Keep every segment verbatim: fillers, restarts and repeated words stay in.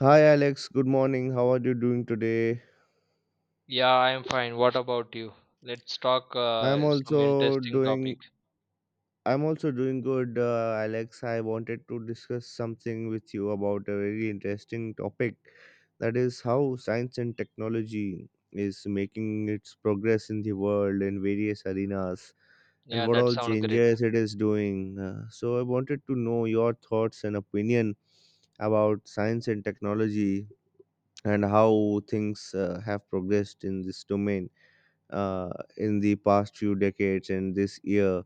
Hi Alex, good morning. How are you doing today? Yeah, I'm fine. What about you? Let's talk I'm uh, some also interesting topic. doing I'm also doing good, uh, Alex. I wanted to discuss something with you about a very interesting topic, that is how science and technology is making its progress in the world in various arenas and Yeah, what that all sounds great. changes it is doing. Uh, so I wanted to know your thoughts and opinion about science and technology and how things uh, have progressed in this domain uh, in the past few decades and this year.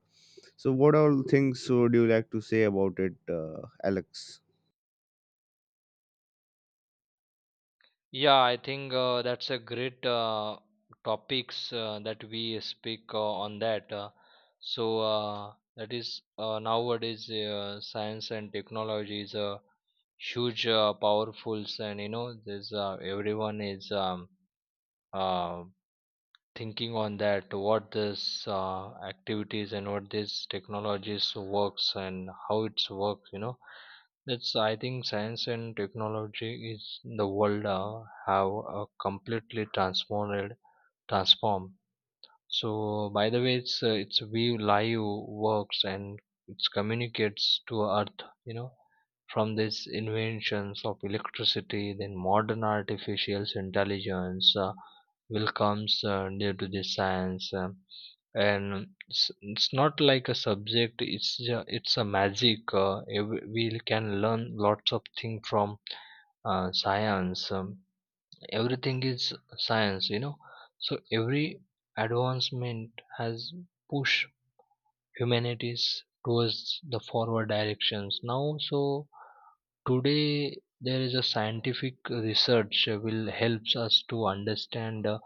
So, what all things would you like to say about it, uh, Alex? Yeah, I think uh, that's a great uh, topics uh, that we speak uh, on that. Uh, so uh, that is uh, nowadays uh, science and technology is a huge, uh, powerful, and you know, there's uh, everyone is um, uh, thinking on that what this uh, activities and what these technologies works and how it's works, you know. That's I think, science and technology is the world uh, have uh, completely transformed transformed So by the way, it's uh, it's Vue Live works and it communicates to Earth. You know, from these inventions of electricity, then modern artificial intelligence uh, will comes uh, due to this science, uh, and it's, it's not like a subject. It's ju- it's a magic. Uh, ev- we can learn lots of things from uh, science. Um, everything is science, you know. So every advancement has pushed humanities towards the forward directions now. So today there is a scientific research uh, will helps us to understand uh,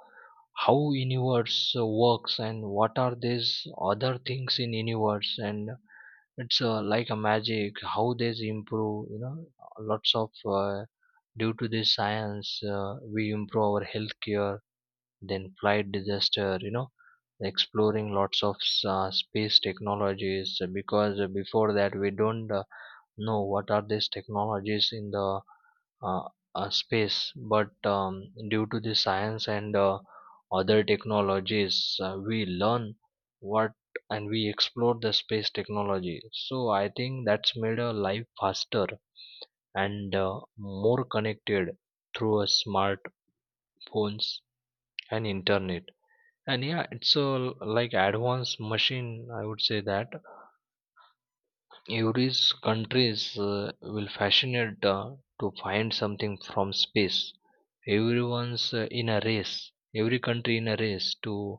how universe uh, works and what are these other things in universe. And it's uh, like a magic how they improve, you know. Lots of uh, due to this science uh, we improve our healthcare, then flight disaster, you know, exploring lots of s- uh, space technologies, because before that we don't uh, know what are these technologies in the uh, uh, space. But um, due to the science and uh, other technologies uh, we learn what, and we explore the space technology. So I think that's made our life faster and uh, more connected through a smartphones and internet. And yeah, it's a like advanced machine, I would say that Yuri's countries uh, will fascinate uh, to find something from space. Everyone's uh, in a race. Every country in a race to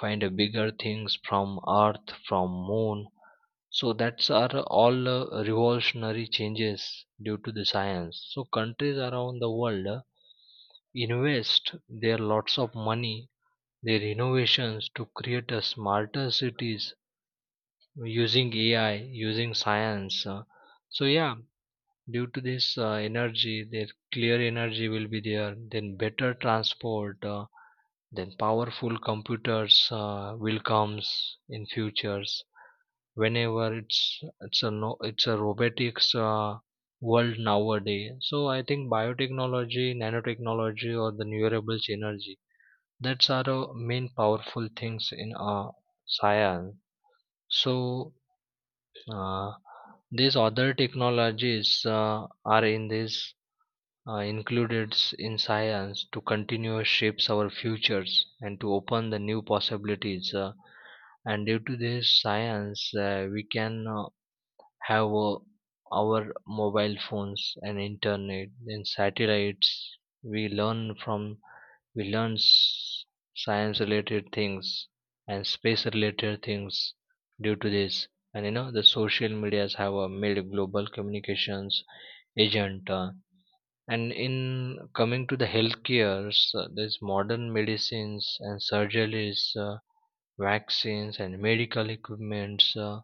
find a bigger things from Earth, from Moon. So that's are all uh, revolutionary changes due to the science. So countries around the world uh, invest their lots of money, their innovations to create a smarter cities using A I, using science. Uh, so yeah, due to this uh, energy, their clear energy will be there. Then better transport, uh, then powerful computers uh, will comes in futures. Whenever it's it's a no, it's a robotics uh, world nowadays. So I think biotechnology, nanotechnology, or the renewable energy. That's are the main powerful things in uh, science. So uh, these other technologies uh, are in this uh, included s- in science to continue shapes our futures and to open the new possibilities. Uh, and due to this science, uh, we can uh, have uh, our mobile phones and internet and satellites. We learn from we learn science related things and space related things due to this. And you know, the social medias have uh, made global communications agent. Uh, and in coming to the healthcare, uh, there's modern medicines and surgeries, uh, vaccines and medical equipments. uh,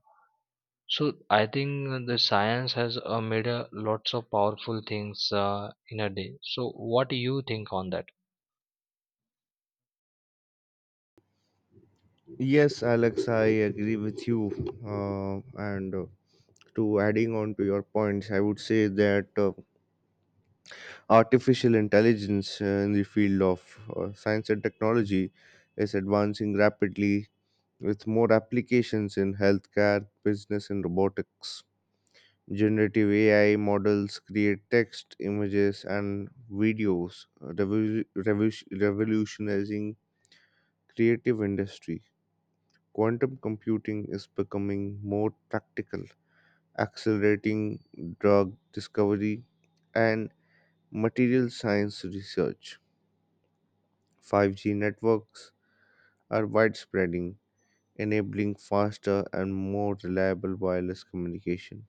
So I think the science has uh, made uh, lots of powerful things uh, in a day. So what do you think on that? Yes, Alex, I agree with you. Uh, and uh, To adding on to your points, I would say that uh, artificial intelligence uh, in the field of uh, science and technology is advancing rapidly with more applications in healthcare, business, and robotics. Generative A I models create text, images, and videos, revo- revo- revolutionizing creative industry. Quantum computing is becoming more practical, accelerating drug discovery and material science research. five G networks are widespreading, enabling faster and more reliable wireless communication.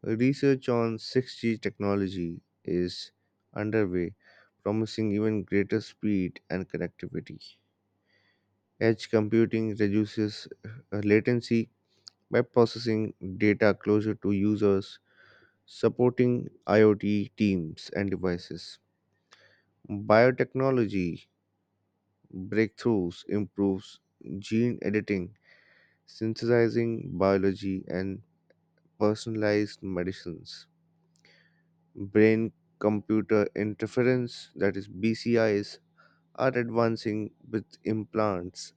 Research on six G technology is underway, promising even greater speed and connectivity. Edge computing reduces uh, latency by processing data closer to users, supporting IoT teams and devices. Biotechnology breakthroughs improves gene editing, synthesizing biology and personalized medicines. Brain computer interference, that is B C Is, are advancing with implants,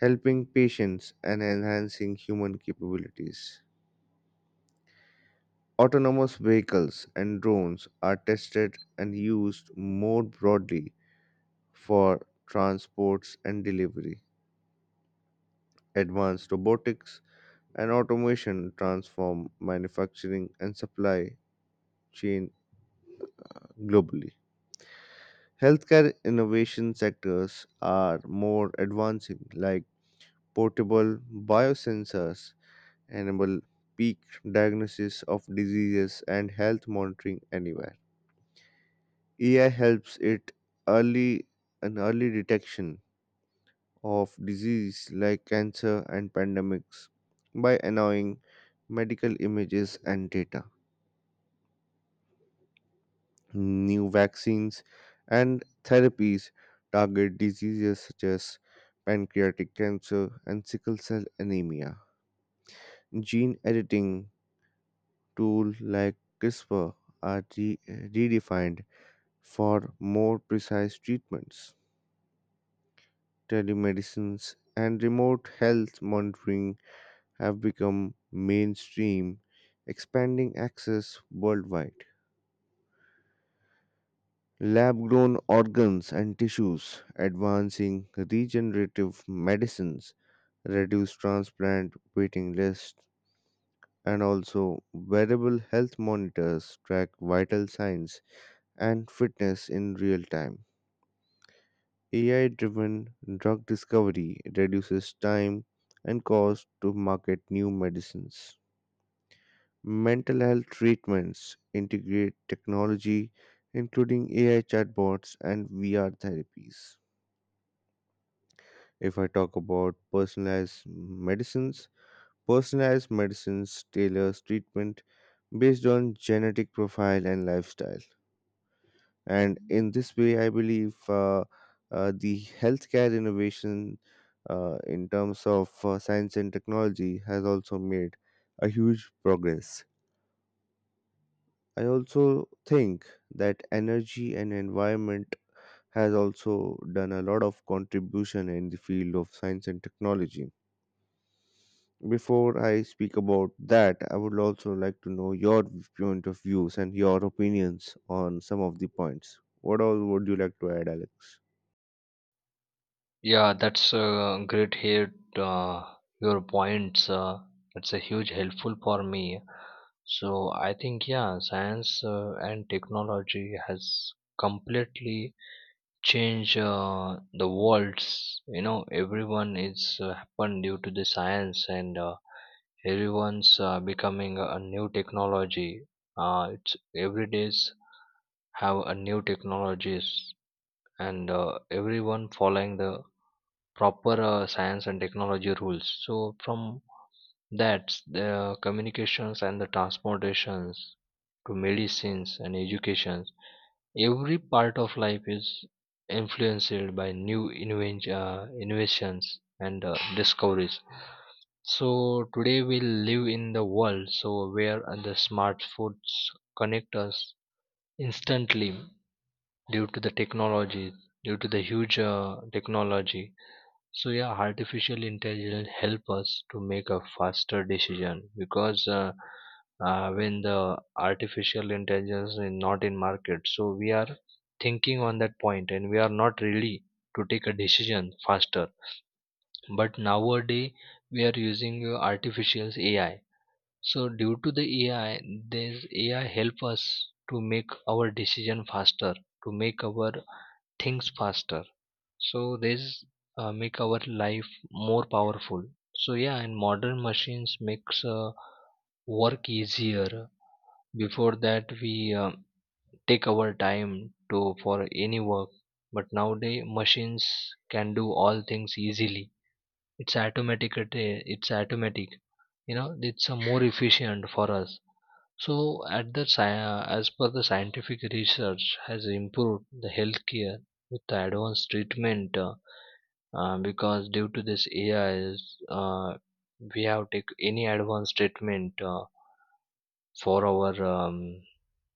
helping patients and enhancing human capabilities. Autonomous vehicles and drones are tested and used more broadly for transports and delivery. Advanced robotics and automation transform manufacturing and supply chain globally. Healthcare innovation sectors are more advancing, like portable biosensors enable peak diagnosis of diseases and health monitoring anywhere. A I helps it early an early detection of disease like cancer and pandemics by allowing medical images and data. New vaccines and therapies target diseases such as pancreatic cancer and sickle cell anemia. Gene editing tools like CRISPR are re- redefined for more precise treatments. Telemedicines and remote health monitoring have become mainstream, expanding access worldwide. Lab grown organs and tissues, advancing regenerative medicines, reduce transplant waiting lists, and also wearable health monitors track vital signs and fitness in real time. A I driven drug discovery reduces time and cost to market new medicines. Mental health treatments integrate technology, including A I chatbots and V R therapies. If I talk about personalized medicines, personalized medicines tailors treatment based on genetic profile and lifestyle. And in this way I believe uh, uh, the healthcare innovation uh, in terms of uh, science and technology has also made a huge progress. I also think that energy and environment has also done a lot of contribution in the field of science and technology. Before I speak about that, I would also like to know your point of views and your opinions on some of the points. What all would you like to add, Alex? Yeah, that's uh, great here. Uh, your points. Uh, that's a huge helpful for me. So I think yeah, science uh, and technology has completely changed uh, the worlds. You know, everyone is uh, happened due to the science, and uh, everyone's uh, becoming a new technology. Uh, it's every days have a new technologies, and uh, everyone following the proper uh, science and technology rules. So from that, the communications and the transportations to medicines and educations, every part of life is influenced by new inven- uh, innovations and uh, discoveries. So today we live in the world so where uh, the smartphones connect us instantly due to the technology, due to the huge uh, technology. So yeah, artificial intelligence help us to make a faster decision, because uh, uh, when the artificial intelligence is not in market, so we are thinking on that point and we are not really to take a decision faster. But nowadays we are using uh, artificial A I. So due to the A I, this A I help us to make our decision faster, to make our things faster. So these uh, make our life more powerful. So yeah, and modern machines makes uh, work easier. Before that, we uh, take our time to for any work, but nowadays machines can do all things easily. It's automatic. it- uh, It's automatic. You know, it's uh, more efficient for us. So, at the sci- uh, as per the scientific research has improved the healthcare with the advanced treatment. Uh, uh, because due to this A Is, uh, we have take any advanced treatment uh, for our um,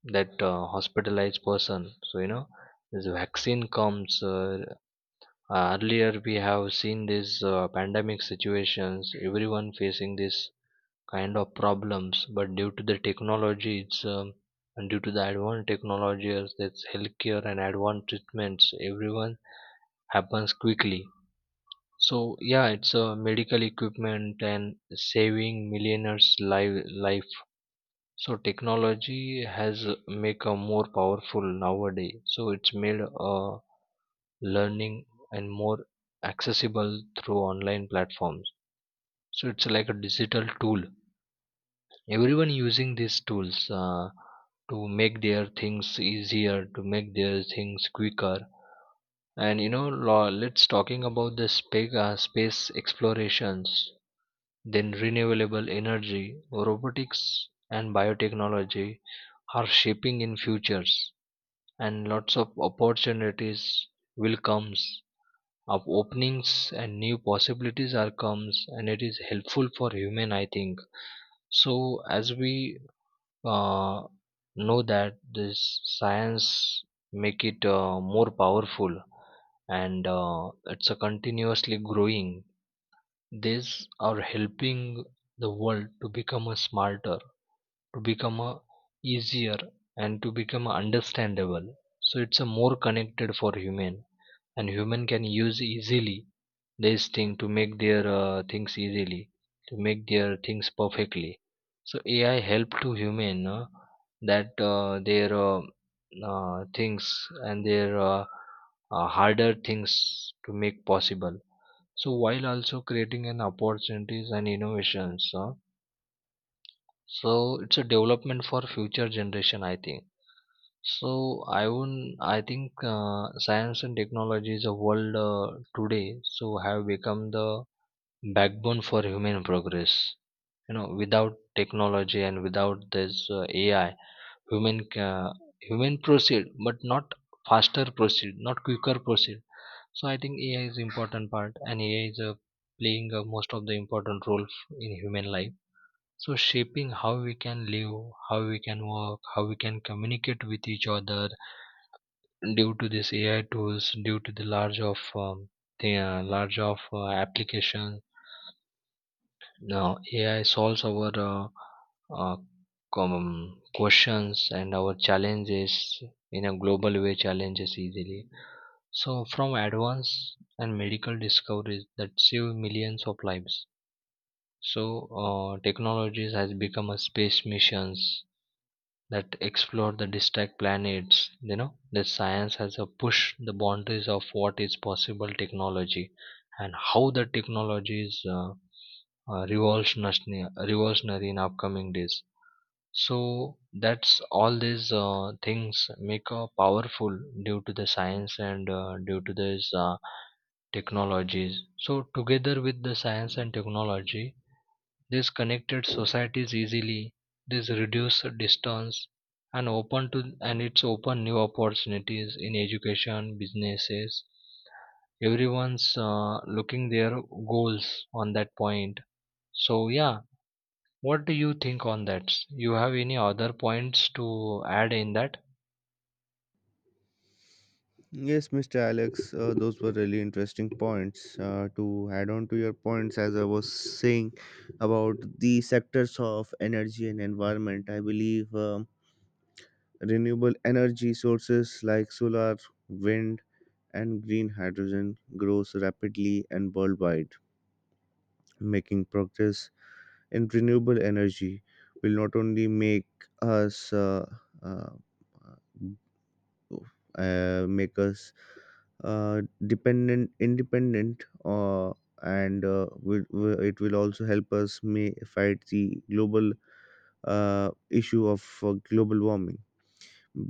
that uh, hospitalized person. So you know, this vaccine comes uh, earlier. We have seen these uh, pandemic situations, everyone facing this kind of problems. But due to the technology, it's um, and due to the advanced technologies, that's healthcare and advanced treatments, everyone happens quickly. So yeah, it's a medical equipment and saving millionaires' life. Life. So technology has make a more powerful nowadays. So it's made uh, learning and more accessible through online platforms. So it's like a digital tool. Everyone using these tools uh, to make their things easier, to make their things quicker. And you know, lo- let's talking about the space uh, space explorations. Then renewable energy, robotics and biotechnology are shaping in futures, and lots of opportunities will comes of openings and new possibilities are comes, and it is helpful for human, I think. So as we uh, know that this science make it uh, more powerful, and uh, it's a continuously growing. These are helping the world to become a smarter, to become a easier, and to become a understandable. So it's a more connected for human, and human can use easily this thing to make their uh, things easily, to make their things perfectly. So AI help to human, uh, that uh, their uh, uh, things and their uh, uh, harder things to make possible. So while also creating an opportunities and innovations, uh, so it's a development for future generation, I think. So I won't, I think uh, science and technology is a world uh, today, so have become the backbone for human progress. You know, without technology and without this uh, A I, human ca- human proceed, but not faster proceed, not quicker proceed. So I think A I is important part, and A I is uh, playing uh, most of the important role f- in human life. So shaping how we can live, how we can work, how we can communicate with each other. Due to this A I tools, due to the large of um, the uh, large of uh, application, now A I solves our uh, uh, common questions and our challenges in a global way challenges easily. So, from advanced and medical discoveries that save millions of lives, so uh, technologies has become a space missions that explore the distant planets. You know, the science has a push the boundaries of what is possible technology, and how the technology is uh, uh, revolutionary, revolutionary in upcoming days. So that's all these uh, things make uh, powerful due to the science and uh, due to these uh, technologies. So together with the science and technology, this connected societies easily. This reduce distance, and open to and it's open new opportunities in education, businesses. Everyone's uh, looking their goals on that point. So yeah, what do you think on that? You have any other points to add in that? Yes, Mister Alex, uh, those were really interesting points. Uh, to add on to your points, as I was saying about the sectors of energy and environment, I believe um, renewable energy sources like solar, wind, and green hydrogen grows rapidly and worldwide. Making progress in renewable energy will not only make us uh, uh, uh, make us uh, dependent independent uh, and uh, will, will- it will also help us may fight the global uh, issue of uh, global warming.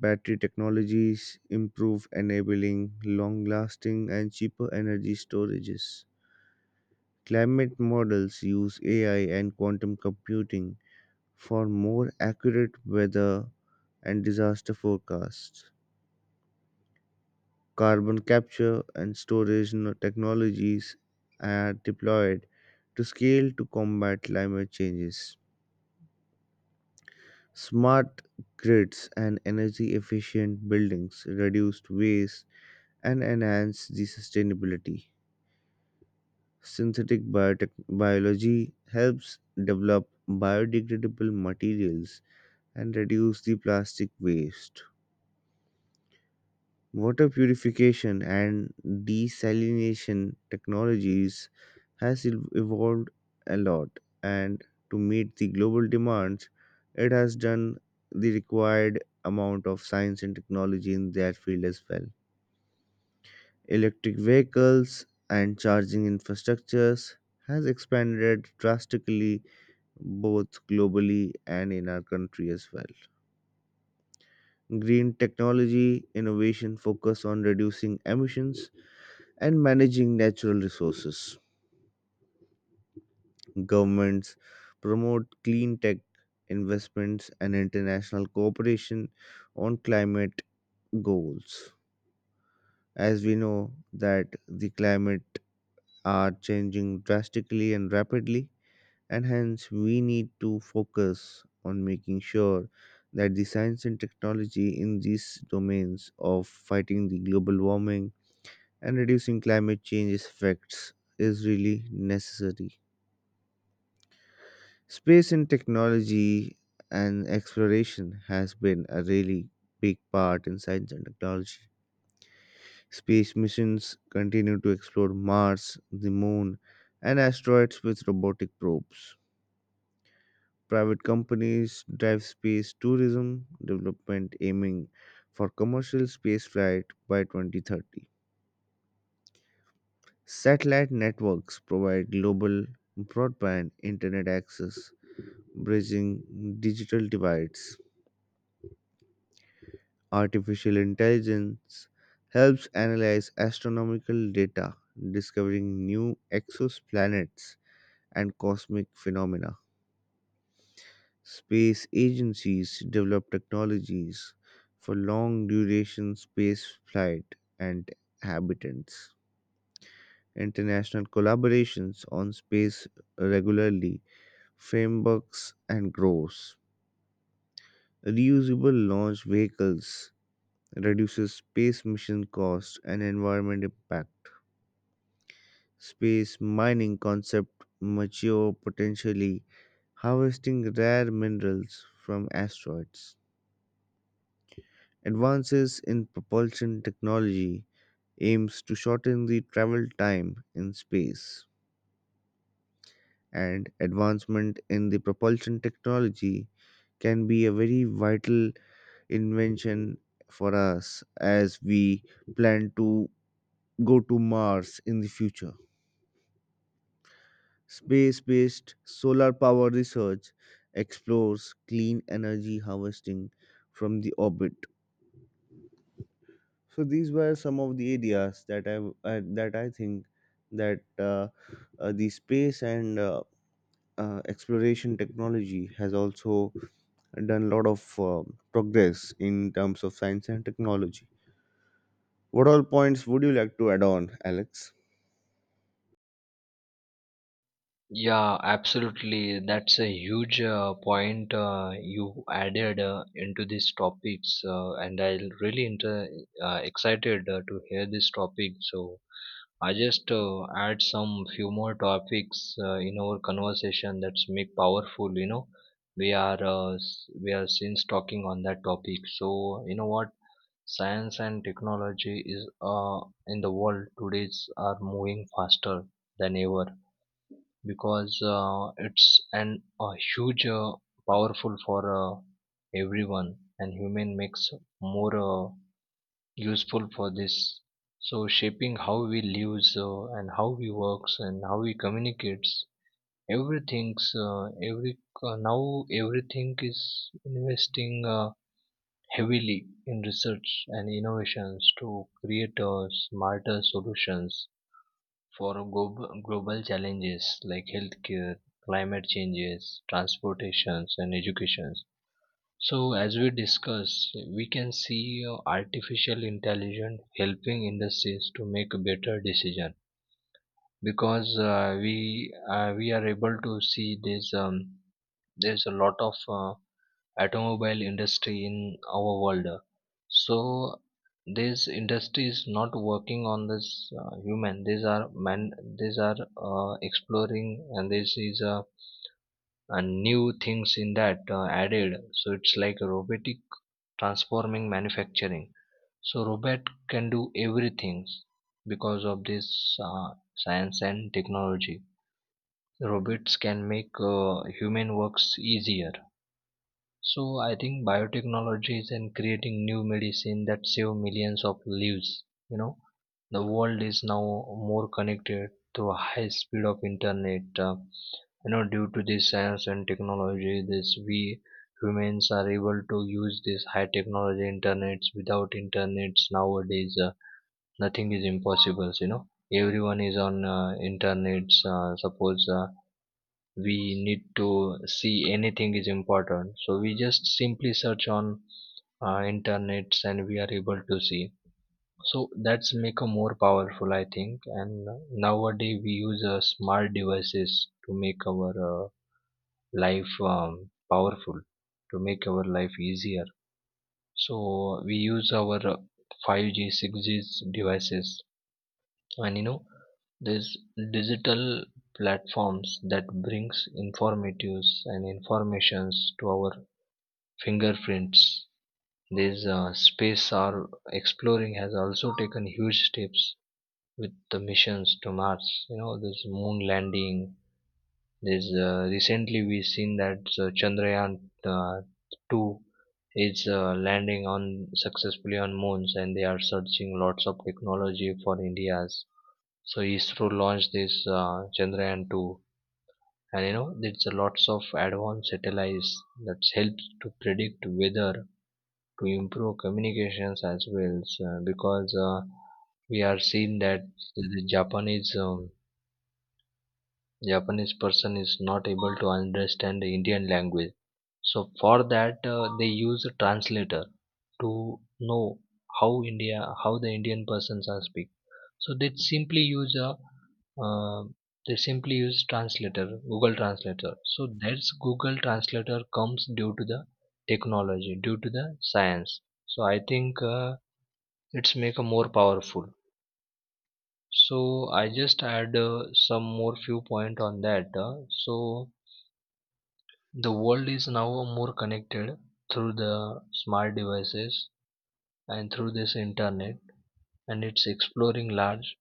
Battery technologies improve, enabling long lasting and cheaper energy storages. Climate models use AI and quantum computing for more accurate weather and disaster forecasts. Carbon capture and storage no- technologies are deployed to scale to combat climate changes. Smart grids and energy efficient buildings reduce waste and enhance the sustainability. Synthetic biotech- biology helps develop biodegradable materials and reduce the plastic waste. Water purification and desalination technologies has ev- evolved a lot and to meet the global demands, it has done the required amount of science and technology in that field as well. Electric vehicles and charging infrastructures has expanded drastically, both globally and in our country as well. Green technology innovation focus on reducing emissions and managing natural resources. Governments promote clean tech investments and international cooperation on climate goals. As we know that the climate are changing drastically and rapidly, and hence we need to focus on making sure that the science and technology in these domains of fighting the global warming and reducing climate change effects is really necessary. Space and technology and exploration has been a really big part in science and technology. Space missions continue to explore Mars, the Moon, and asteroids with robotic probes. Private companies drive space tourism development, aiming for commercial spaceflight by twenty thirty. Satellite networks provide global broadband internet access, bridging digital divides. Artificial intelligence helps analyze astronomical data, discovering new exoplanets and cosmic phenomena. Space agencies develop technologies for long duration space flight and habitants. International collaborations on space regularly frameworks and grows. Reusable launch vehicles reduces space mission cost and environment impact. Space mining concept mature, potentially harvesting rare minerals from asteroids. Advances in propulsion technology aims to shorten the travel time in space, and advancement in the propulsion technology can be a very vital invention for us as we plan to go to Mars in the future. Space based solar power research explores clean energy harvesting from the orbit. So these were some of the areas that I uh, that I think that uh, uh, the space and uh, uh, exploration technology has also done a lot of uh, progress in terms of science and technology. What all points would you like to add on, Alex? Yeah, absolutely. That's a huge uh, point uh, you added uh, into these topics, uh, and I'm really inter- uh, excited uh, to hear this topic. So I just uh, add some few more topics uh, in our conversation that's make powerful. You know, we are uh, s- we are since talking on that topic. So you know what? Science and technology is uh, in the world today is- are moving faster than ever, because uh, it's an a huge uh, powerful for uh, everyone, and human makes more uh, useful for this. So shaping how we live, uh, and how we works and how we communicates. Everything's uh, every uh, now everything is investing uh, heavily in research and innovations to create uh, smarter solutions for global, global challenges like healthcare, climate changes, transportations, and educations. So, as we discuss, we can see uh, artificial intelligence helping industries to make a better decision because uh, we uh, we are able to see there's um, there's a lot of uh, automobile industry in our world. So this industry is not working on this uh, human, these are man, these are uh, exploring, and this is uh, uh, new things in that uh, added, so it's like robotic transforming manufacturing. So robot can do everything because of this uh, science and technology. Robots can make uh, human works easier. So I think biotechnology is in creating new medicine that save millions of lives. You know, the world is now more connected through a high speed of internet. Uh, you know, due to this science and technology, this we humans are able to use this high technology internets. Without internets nowadays, uh, nothing is impossible. You know, everyone is on uh, internets. Uh, suppose. Uh, we need to see anything is important, so we just simply search on uh, internets and we are able to see. So that's make a more powerful, I think. And nowadays we use uh, smart devices to make our uh, life um, powerful, to make our life easier. So we use our uh, five g six g devices. And you know, these digital platforms that brings informatives and informations to our fingerprints. This uh, space are exploring has also taken huge steps with the missions to Mars. You know, this moon landing. This uh, recently we've seen that uh, Chandrayaan uh, two is uh, landing on successfully on moons, and they are searching lots of technology for India's. So ISRO launched this uh, Chandrayaan two, and you know, there's a lots of advanced satellites that helps to predict weather, to improve communications as well. So, because uh, we are seeing that the Japanese um, Japanese person is not able to understand the Indian language. So for that uh, they use a translator to know how India how the Indian persons are speak. So they simply use a uh, they simply use translator, Google Translator. So that's Google Translator comes due to the technology, due to the science. So I think uh, it's make a more powerful. So I just add uh, some more few point on that uh, so the world is now more connected through the smart devices and through this internet, and it's exploring large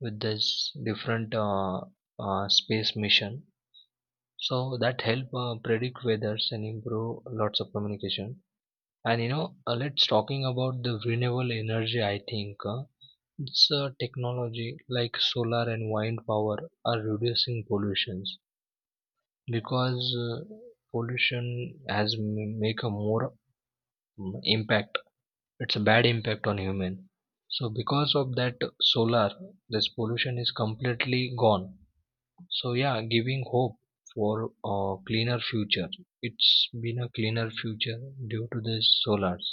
with this different uh, uh, space mission. So that help uh, predict weathers and improve lots of communication. And you know, uh, let's talking about the renewable energy. I think uh, it's a technology like solar and wind power are reducing pollutions. Because uh, pollution has m- make a more mm, impact. It's a bad impact on human. So because of that solar, this pollution is completely gone. So yeah, giving hope for a cleaner future. It's been a cleaner future due to this solars.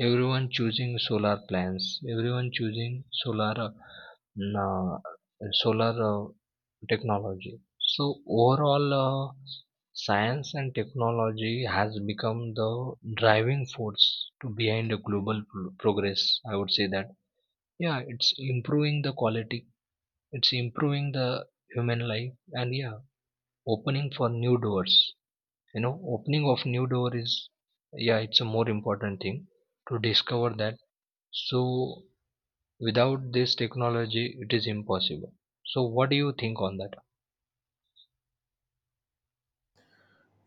Everyone choosing solar plants. Everyone choosing solar uh, solar uh, technology. So overall uh, science and technology has become the driving force to behind the global pro- progress. I would say that, yeah, it's improving the quality, it's improving the human life, and yeah, opening for new doors. You know, opening of new door is, yeah, it's a more important thing to discover that. So without this technology, it is impossible. So what do you think on that?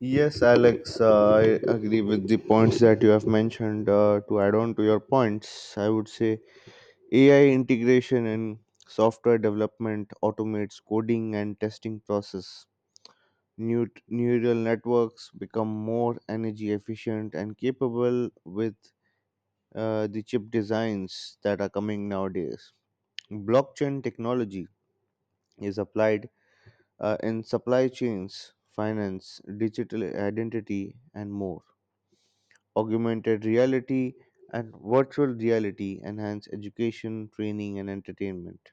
Yes, Alex, uh, I agree with the points that you have mentioned. Uh, to add on to your points, I would say A I integration in software development automates coding and testing process. New neural networks become more energy efficient and capable with uh, the chip designs that are coming nowadays. Blockchain technology is applied uh, in supply chains, finance, digital identity, and more. Augmented reality and virtual reality enhance education, training, and entertainment.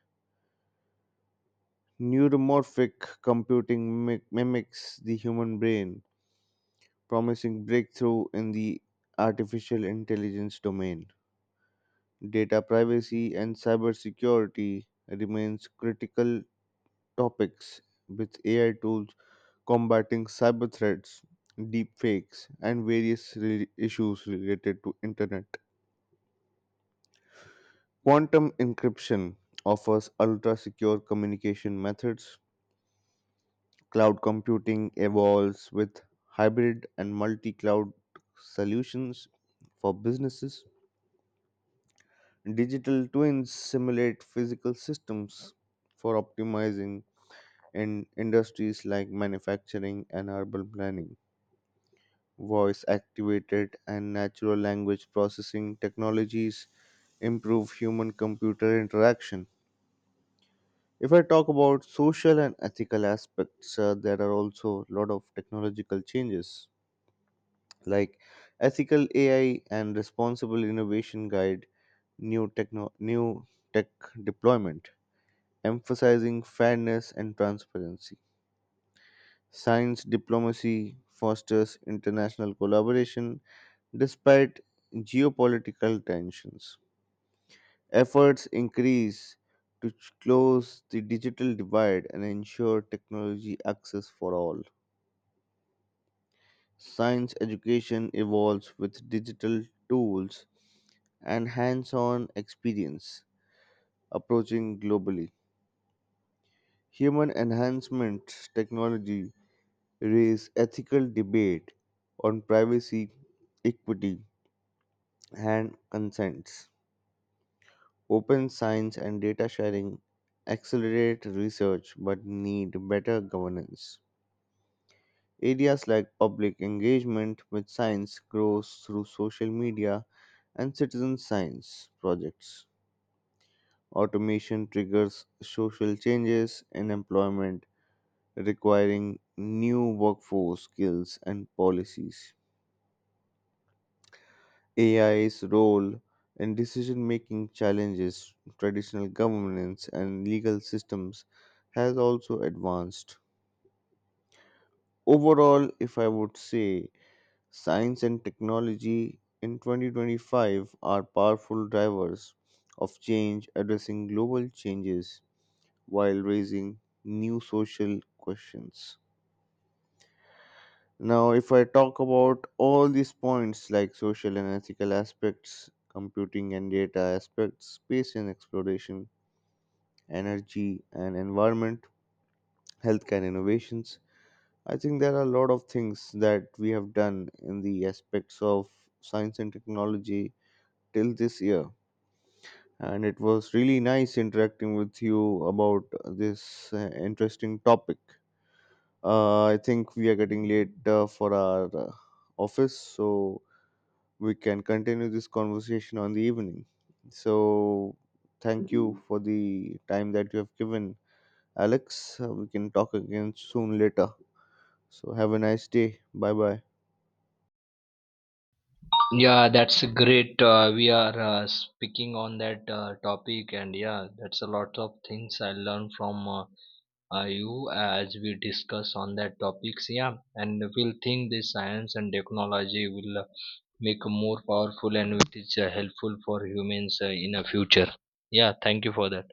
Neuromorphic computing mimic- mimics the human brain, promising breakthrough in the artificial intelligence domain. Data privacy and cybersecurity remains critical topics with A I tools combating cyber threats, deepfakes, and various re- issues related to internet. Quantum encryption offers ultra secure communication methods. Cloud computing evolves with hybrid and multi cloud solutions for businesses. Digital twins simulate physical systems for optimizing in industries like manufacturing and urban planning. Voice activated and natural language processing technologies improve human computer interaction. If I talk about social and ethical aspects, uh, there are also a lot of technological changes like ethical A I and responsible innovation guide new techno new tech deployment, emphasizing fairness and transparency. Science diplomacy fosters international collaboration despite geopolitical tensions. Efforts increase to ch- close the digital divide and ensure technology access for all. Science education evolves with digital tools and hands on experience approaching globally. Human enhancement technology raise ethical debate on privacy, equity, and consents. Open science and data sharing accelerate research but need better governance. Areas like public engagement with science grows through social media and citizen science projects. Automation triggers social changes in employment, requiring new workforce skills and policies. A I's role in decision making challenges traditional governance and legal systems has also advanced. Overall, if I would say, science and technology in twenty twenty-five are powerful drivers of change addressing global changes while raising new social questions. Now, if I talk about all these points like social and ethical aspects, computing and data aspects, space and exploration, energy and environment, healthcare and innovations, I think there are a lot of things that we have done in the aspects of science and technology till this year. And it was really nice interacting with you about this uh, interesting topic. Uh, I think we are getting late uh, for our uh, office, so we can continue this conversation on the evening. So, thank you for the time that you have given, Alex. Uh, we can talk again soon later. So, have a nice day. Bye bye. Yeah, that's great. Uh, we are uh, speaking on that uh, topic, and yeah, that's a lot of things I learned from uh, uh, you as we discuss on that topics. Yeah, and we'll think this science and technology will uh, make more powerful and which is uh, helpful for humans uh, in a future. Yeah, thank you for that.